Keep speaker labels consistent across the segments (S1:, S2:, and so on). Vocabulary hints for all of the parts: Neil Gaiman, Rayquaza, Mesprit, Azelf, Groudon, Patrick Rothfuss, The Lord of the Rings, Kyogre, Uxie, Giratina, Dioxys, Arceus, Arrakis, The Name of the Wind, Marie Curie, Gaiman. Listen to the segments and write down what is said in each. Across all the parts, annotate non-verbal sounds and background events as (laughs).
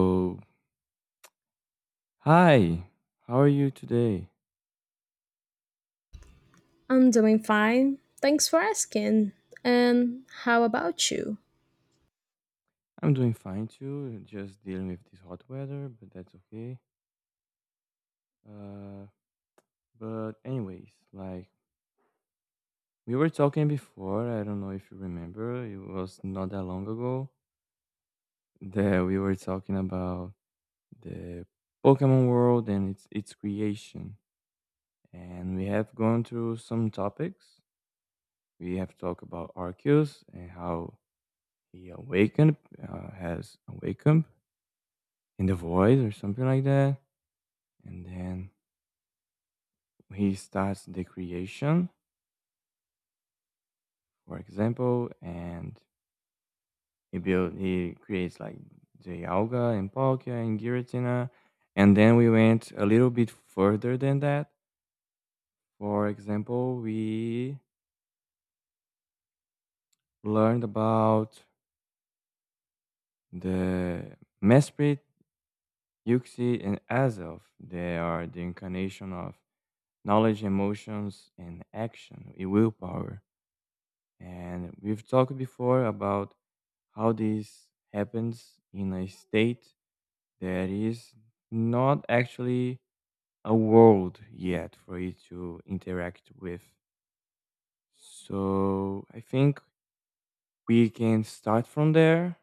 S1: So, hi, how are you today?
S2: I'm doing fine. Thanks for asking. And how about you?
S1: I'm doing fine too, just dealing with this hot weather, but that's okay. Uh, but anyways, like we were talking before, I don't know if you remember, it was not that long ago that we were talking about the Pokemon world and its creation. And we have gone through some topics. We have talked about Arceus and how has awakened in the voice or something like that. And then he starts the creation, for example, and he creates like the alga and polka and giratina. And then we went a little bit further than that. For example, we learned about the Mesprit, Yuxi, and Azov. They are the incarnation of knowledge, emotions, and willpower. And we've talked before about how this happens in a state that is not actually a world yet for you to interact with. So I think we can start from there.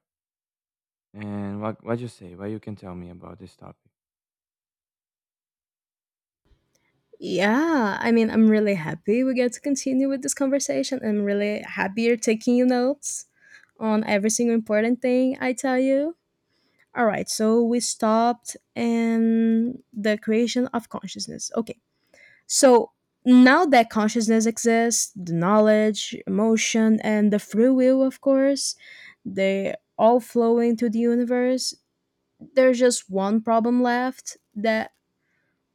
S1: And what you say? What you can tell me about this topic?
S2: Yeah, I'm really happy we get to continue with this conversation. I'm really happy you're taking your notes on every single important thing I tell you. All right, so we stopped in the creation of consciousness. Okay, so now that consciousness exists, the knowledge, emotion, and the free will, of course, they all flow into the universe. There's just one problem left that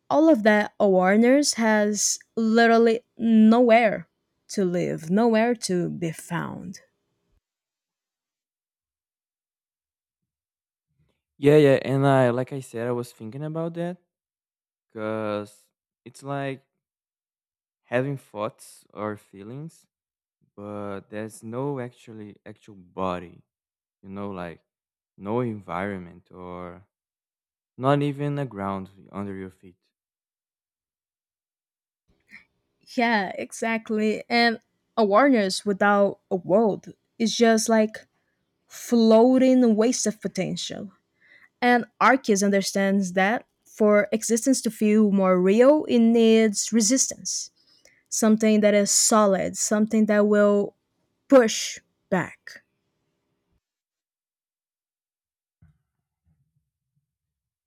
S2: all of that awareness has literally nowhere to live, nowhere to be found.
S1: Yeah, yeah. And I like I said, I was thinking about that because it's like having thoughts or feelings, but there's no actual body, like no environment or not even a ground under your feet.
S2: Yeah, exactly. And awareness without a world is just like floating waste of potential. And Arceus understands that for existence to feel more real, it needs resistance, something that is solid, something that will push back.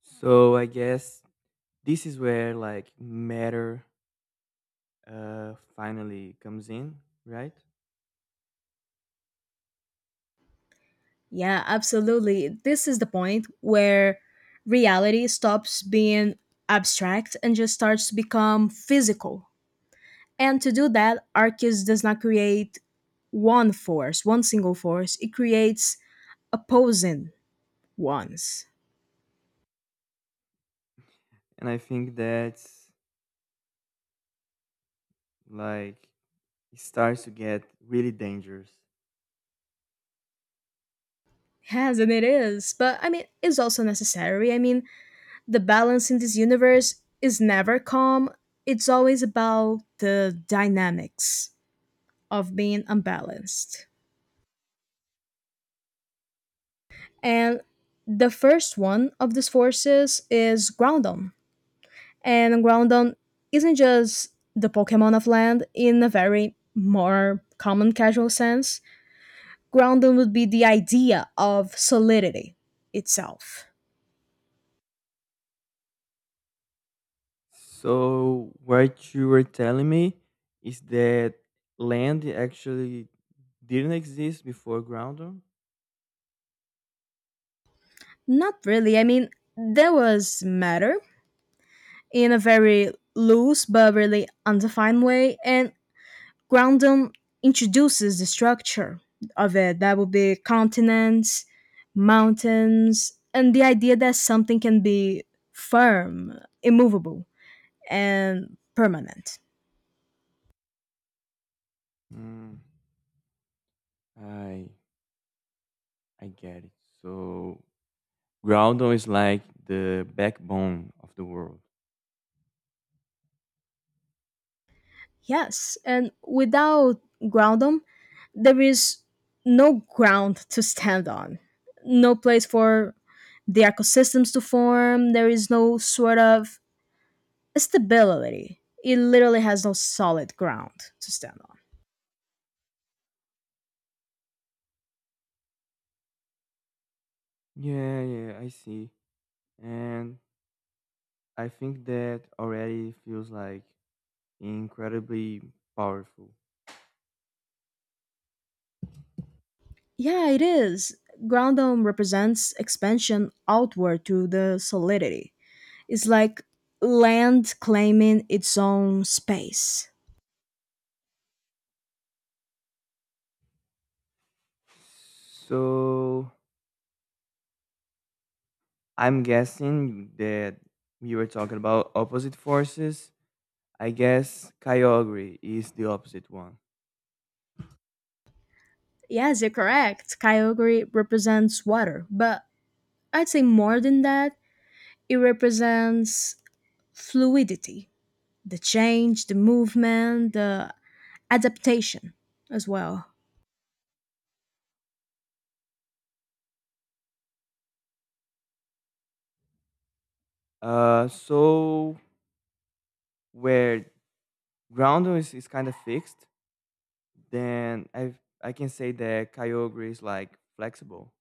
S1: So I guess this is where like matter finally comes in, right?
S2: Yeah, absolutely. This is the point where reality stops being abstract and just starts to become physical. And to do that, Arceus does not create one force, one single force. It creates opposing ones.
S1: And I think that's like it starts to get really dangerous.
S2: Yes, and it is. But it's also necessary. The balance in this universe is never calm, it's always about the dynamics of being unbalanced. And the first one of these forces is Groudon. And Groudon isn't just the Pokemon of land in a very more common casual sense. Groundon would be the idea of solidity itself.
S1: So what you were telling me is that land actually didn't exist before ground.
S2: Not really. There was matter in a very loose but really undefined way, and Groundon introduces the structure of it. That would be continents, mountains, and the idea that something can be firm, immovable, and permanent.
S1: Mm, I I get it. So Groudon is like the backbone of the world.
S2: Yes, and without Groundon, there is no ground to stand on, no place for the ecosystems to form, there is no sort of stability. It literally has no solid ground to stand on.
S1: Yeah, yeah, I see. And I think that already feels like incredibly powerful.
S2: Yeah, it is. Ground dome represents expansion outward through the solidity. It's like land claiming its own space.
S1: So I'm guessing that we were talking about opposite forces. I guess Kyogre is the opposite one.
S2: Yes, you're correct. Kyogre represents water, but I'd say more than that, it represents fluidity, the change, the movement, the adaptation as well.
S1: So where Groundon is kind of fixed, then I can say that Kyogre is like flexible.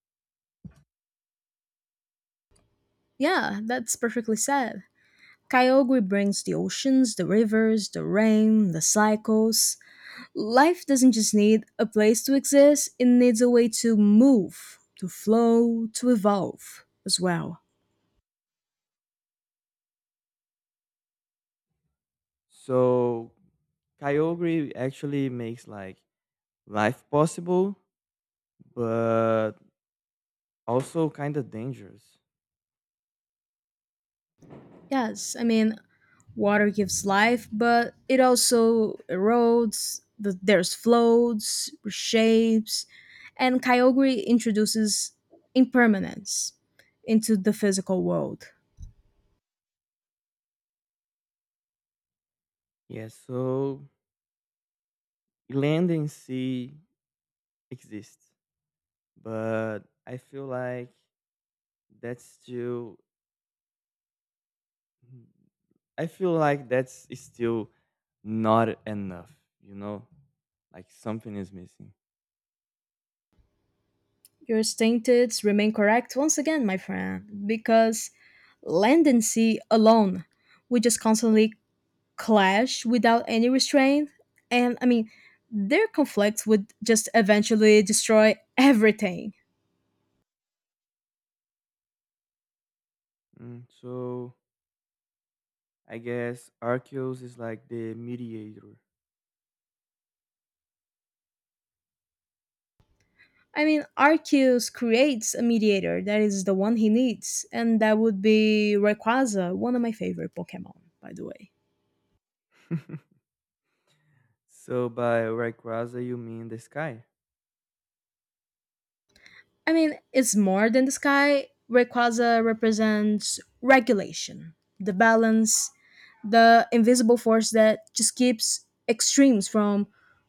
S2: Yeah, that's perfectly said. Kyogre brings the oceans, the rivers, the rain, the cycles, life doesn't just need a place to exist, it needs a way to move, to flow, to evolve as well.
S1: So Kyogre actually makes like life possible, but also kind of dangerous.
S2: Yes, water gives life, but it also erodes, there's floats, reshapes, and Kyogre introduces impermanence into the physical world.
S1: Yeah, so land and sea exist, but I feel like that's still I feel like that's still not enough, you know? Like something is missing.
S2: Your statements remain correct once again, my friend, because land and sea alone, we just constantly clash without any restraint. And their conflicts would just eventually destroy everything.
S1: Mm, so I guess Arceus is like the mediator.
S2: Arceus creates a mediator that is the one he needs, and that would be Rayquaza, one of my favorite Pokemon, by the way.
S1: (laughs) So by Rayquaza you mean the sky?
S2: It's more than the sky. Rayquaza represents regulation, the balance, the invisible force that just keeps extremes from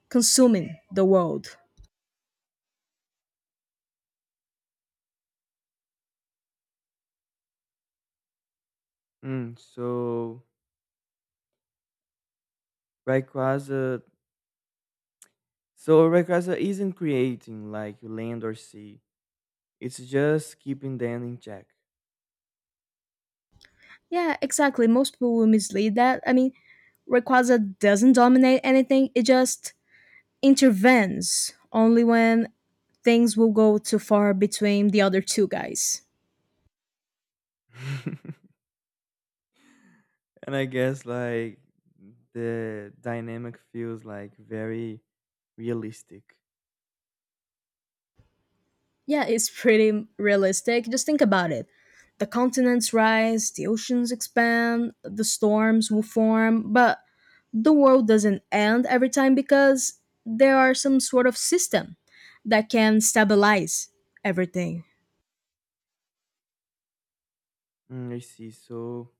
S2: consuming the world.
S1: Mm, Rayquaza so Rayquaza isn't creating like land or sea. It's just keeping them in check.
S2: Yeah, exactly. Most people will mislead that. Rayquaza doesn't dominate anything, it just intervenes only when things will go too far between the other two guys.
S1: (laughs) And I guess like the dynamic feels like very realistic.
S2: Yeah, it's pretty realistic. Just think about it. The continents rise, the oceans expand, the storms will form, but the world doesn't end every time because there are some sort of system that can stabilize everything.
S1: Mm, I see. So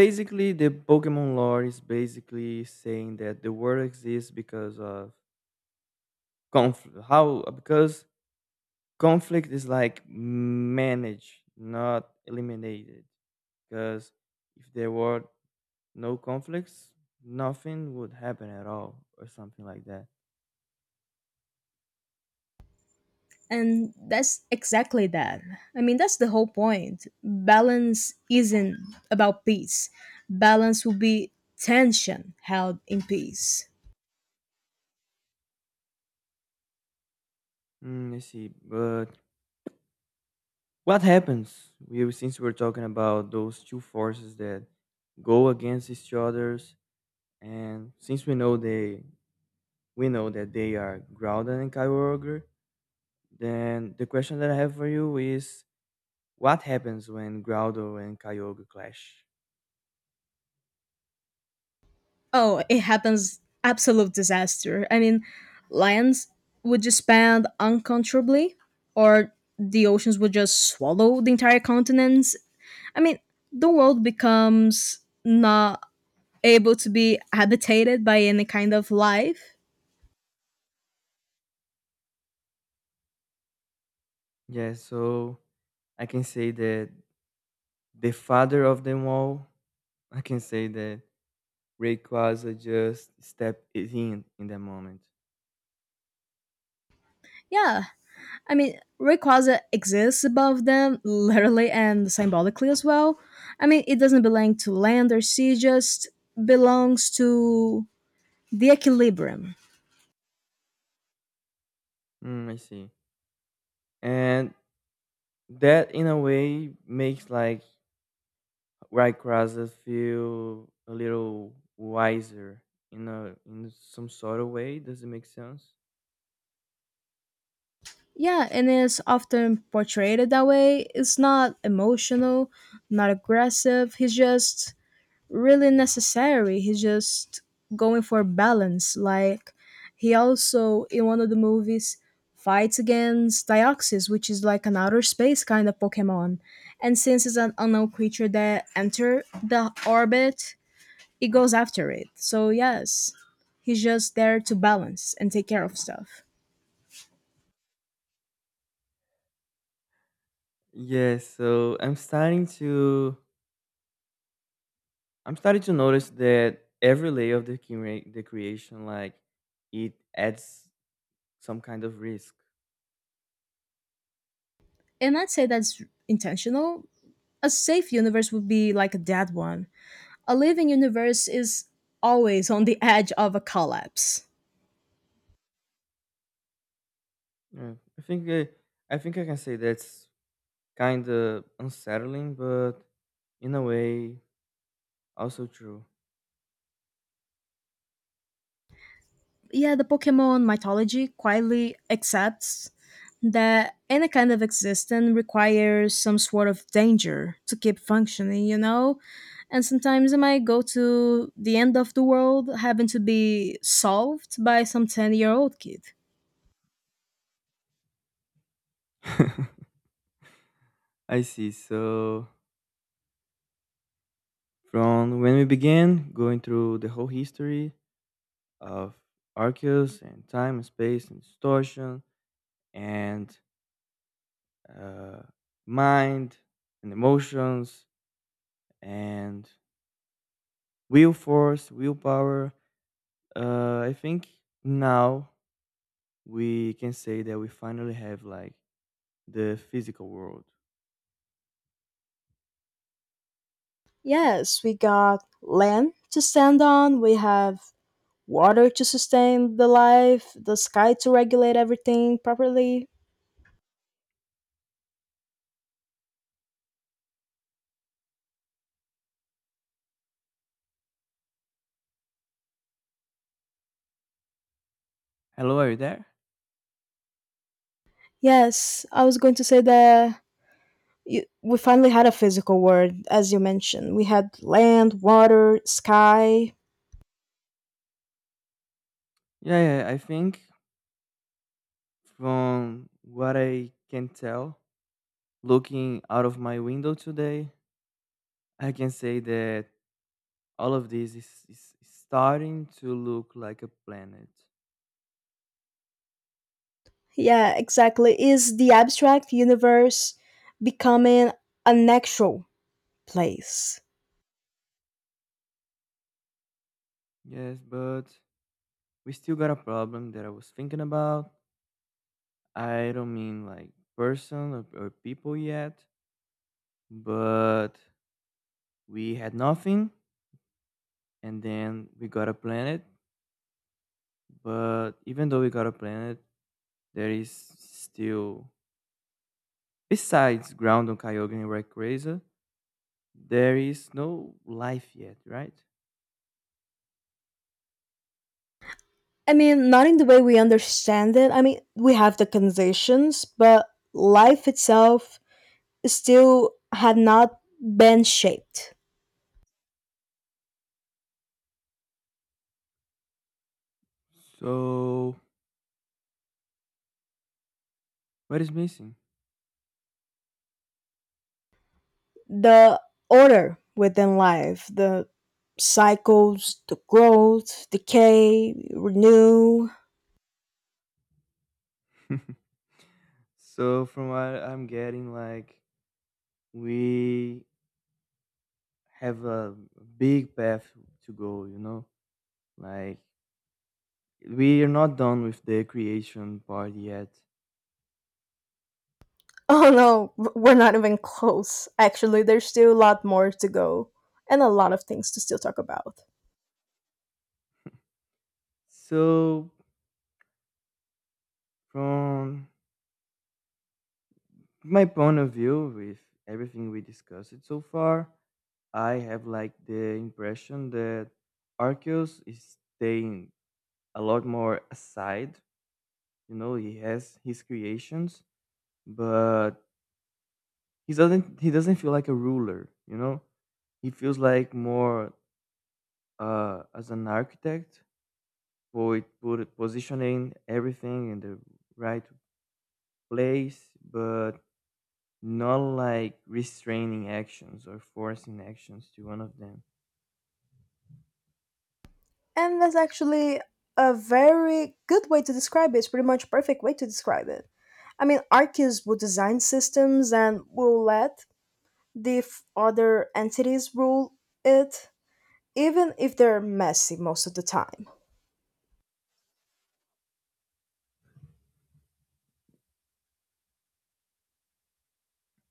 S1: basically the Pokemon lore is basically saying that the world exists because of conflict. How because conflict is like managed, not eliminated. Because if there were no conflicts, nothing would happen at all, or something like that.
S2: And that's exactly that. That's the whole point. Balance isn't about peace. Balance will be tension held in peace.
S1: Mm, let's see. But what happens? We Since we're talking about those two forces that go against each other's, and since we know that they are Groudon and Kyogre, then the question that I have for you is: What happens when Groudon and Kyogre clash?
S2: Oh, it happens absolute disaster. Lands would just expand uncontrollably, or the oceans would just swallow the entire continents. I mean, the world becomes not able to be habitated by any kind of life.
S1: Yeah, so I can say that the father of them all, I can say that Rayquaza just stepped in that moment.
S2: Yeah, Rayquaza exists above them, literally and symbolically as well. It doesn't belong to land or sea, just belongs to the equilibrium.
S1: Mm, I see. And that, in a way, makes like Rayquaza feel a little wiser in a in some sort of way. Does it make sense?
S2: Yeah, and it's often portrayed that way. It's not emotional, not aggressive. He's just really necessary. He's just going for balance. Like he also in one of the movies fights against Dioxys, which is like an outer space kind of Pokemon. And since it's an unknown creature that enter the orbit, it goes after it. So yes, he's just there to balance and take care of stuff.
S1: Yeah, so I'm starting to notice that every layer of the creation, like it adds some kind of risk.
S2: And I'd say that's intentional. A safe universe would be like a dead one. A living universe is always on the edge of a collapse.
S1: Yeah, I think I can say that's kind of unsettling, but in a way also true.
S2: Yeah, the Pokemon mythology quietly accepts that any kind of existence requires some sort of danger to keep functioning, And sometimes it might go to the end of the world having to be solved by some 10-year-old kid.
S1: (laughs) I see. So from when we began going through the whole history of Arceus and time and space and distortion and uh, mind and emotions and willpower, I think now we can say that we finally have like the physical world.
S2: Yes, we got land to stand on, we have water to sustain the life, the sky to regulate everything properly.
S1: Hello, are you there?
S2: Yes, I was going to say that we finally had a physical world, as you mentioned. We had land, water, sky.
S1: Yeah, yeah, I think from what I can tell, looking out of my window today, I can say that all of this is starting to look like a planet.
S2: Yeah, exactly. Is the abstract universe becoming an actual place?
S1: Yes, but we still got a problem that I was thinking about. I don't mean like or people yet, but we had nothing and then we got a planet. But even though we got a planet, there is still, besides Ground on Kyogre and Rayquaza, there is no life yet, right?
S2: Not in the way we understand it. We have the conditions, but life itself still had not been shaped.
S1: So, what is missing?
S2: The order within life, the cycles, the growth, decay, renew,
S1: (laughs) So, from what I'm getting, like, we have a big path to go, you know? Like, we are not done with the creation part yet.
S2: oh no, we're not even close. Actually, there's still a lot more to go and a lot of things to still talk about.
S1: So, from my point of view, with everything we discussed so far, I have like the impression that Arceus is staying a lot more aside. You know, he has his creations, but he doesn't feel like a ruler, you know? He feels like more as an architect, put positioning everything in the right place, but not like restraining actions or forcing actions to one of them.
S2: And that's actually a very good way to describe it. It's pretty much perfect way to describe it. Arceus will design systems and will let the other entities rule it, even if they're messy most of the time.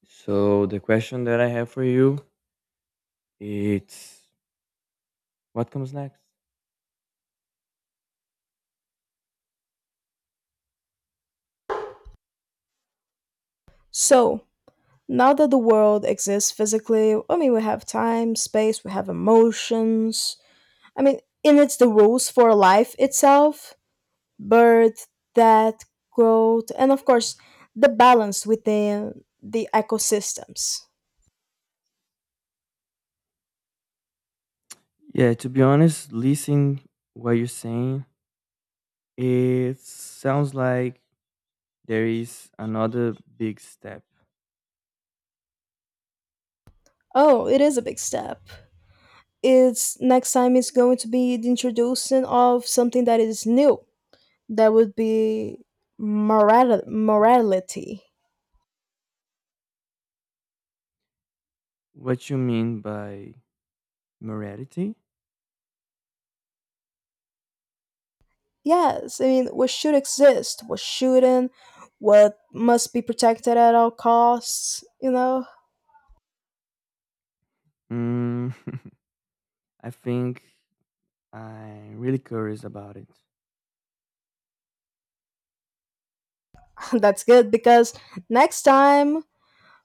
S1: So the question that I have for you, it's what comes next?
S2: So, now that the world exists physically, we have time, space, we have emotions, and it's the rules for life itself birth, death, growth, and of course, the balance within the ecosystems.
S1: Yeah, to be honest, listening what you're saying, it sounds like there is another big step.
S2: Oh, it is a big step. It's next time it's going to be the introduction of something that is new. That would be morality.
S1: What you mean by morality?
S2: Yes, what should exist, what shouldn't, what must be protected at all costs,
S1: Mm, I think I'm really curious about it.
S2: (laughs) That's good because next time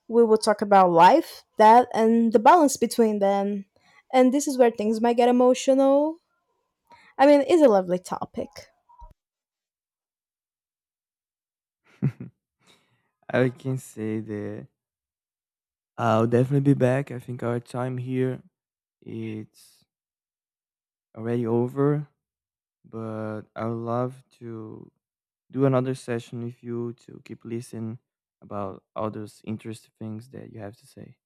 S2: we will talk about life, that, and the balance between them. And this is where things might get emotional. It's a lovely topic.
S1: (laughs) I can say that I'll definitely be back. I think our time here it's already over, but I would love to do another session with you to keep listening about all those interesting things that you have to say.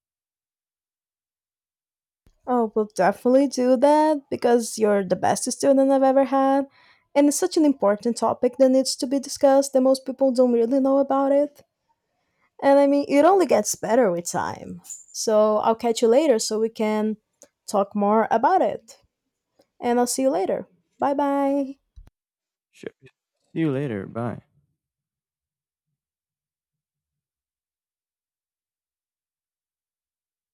S2: Oh, we'll definitely do that because you're the best student I've ever had. And it's such an important topic that needs to be discussed that most people don't really know about it. And it only gets better with time. So I'll catch you later so we can talk more about it. And I'll see you later. Bye bye.
S1: Sure. See you later. Bye.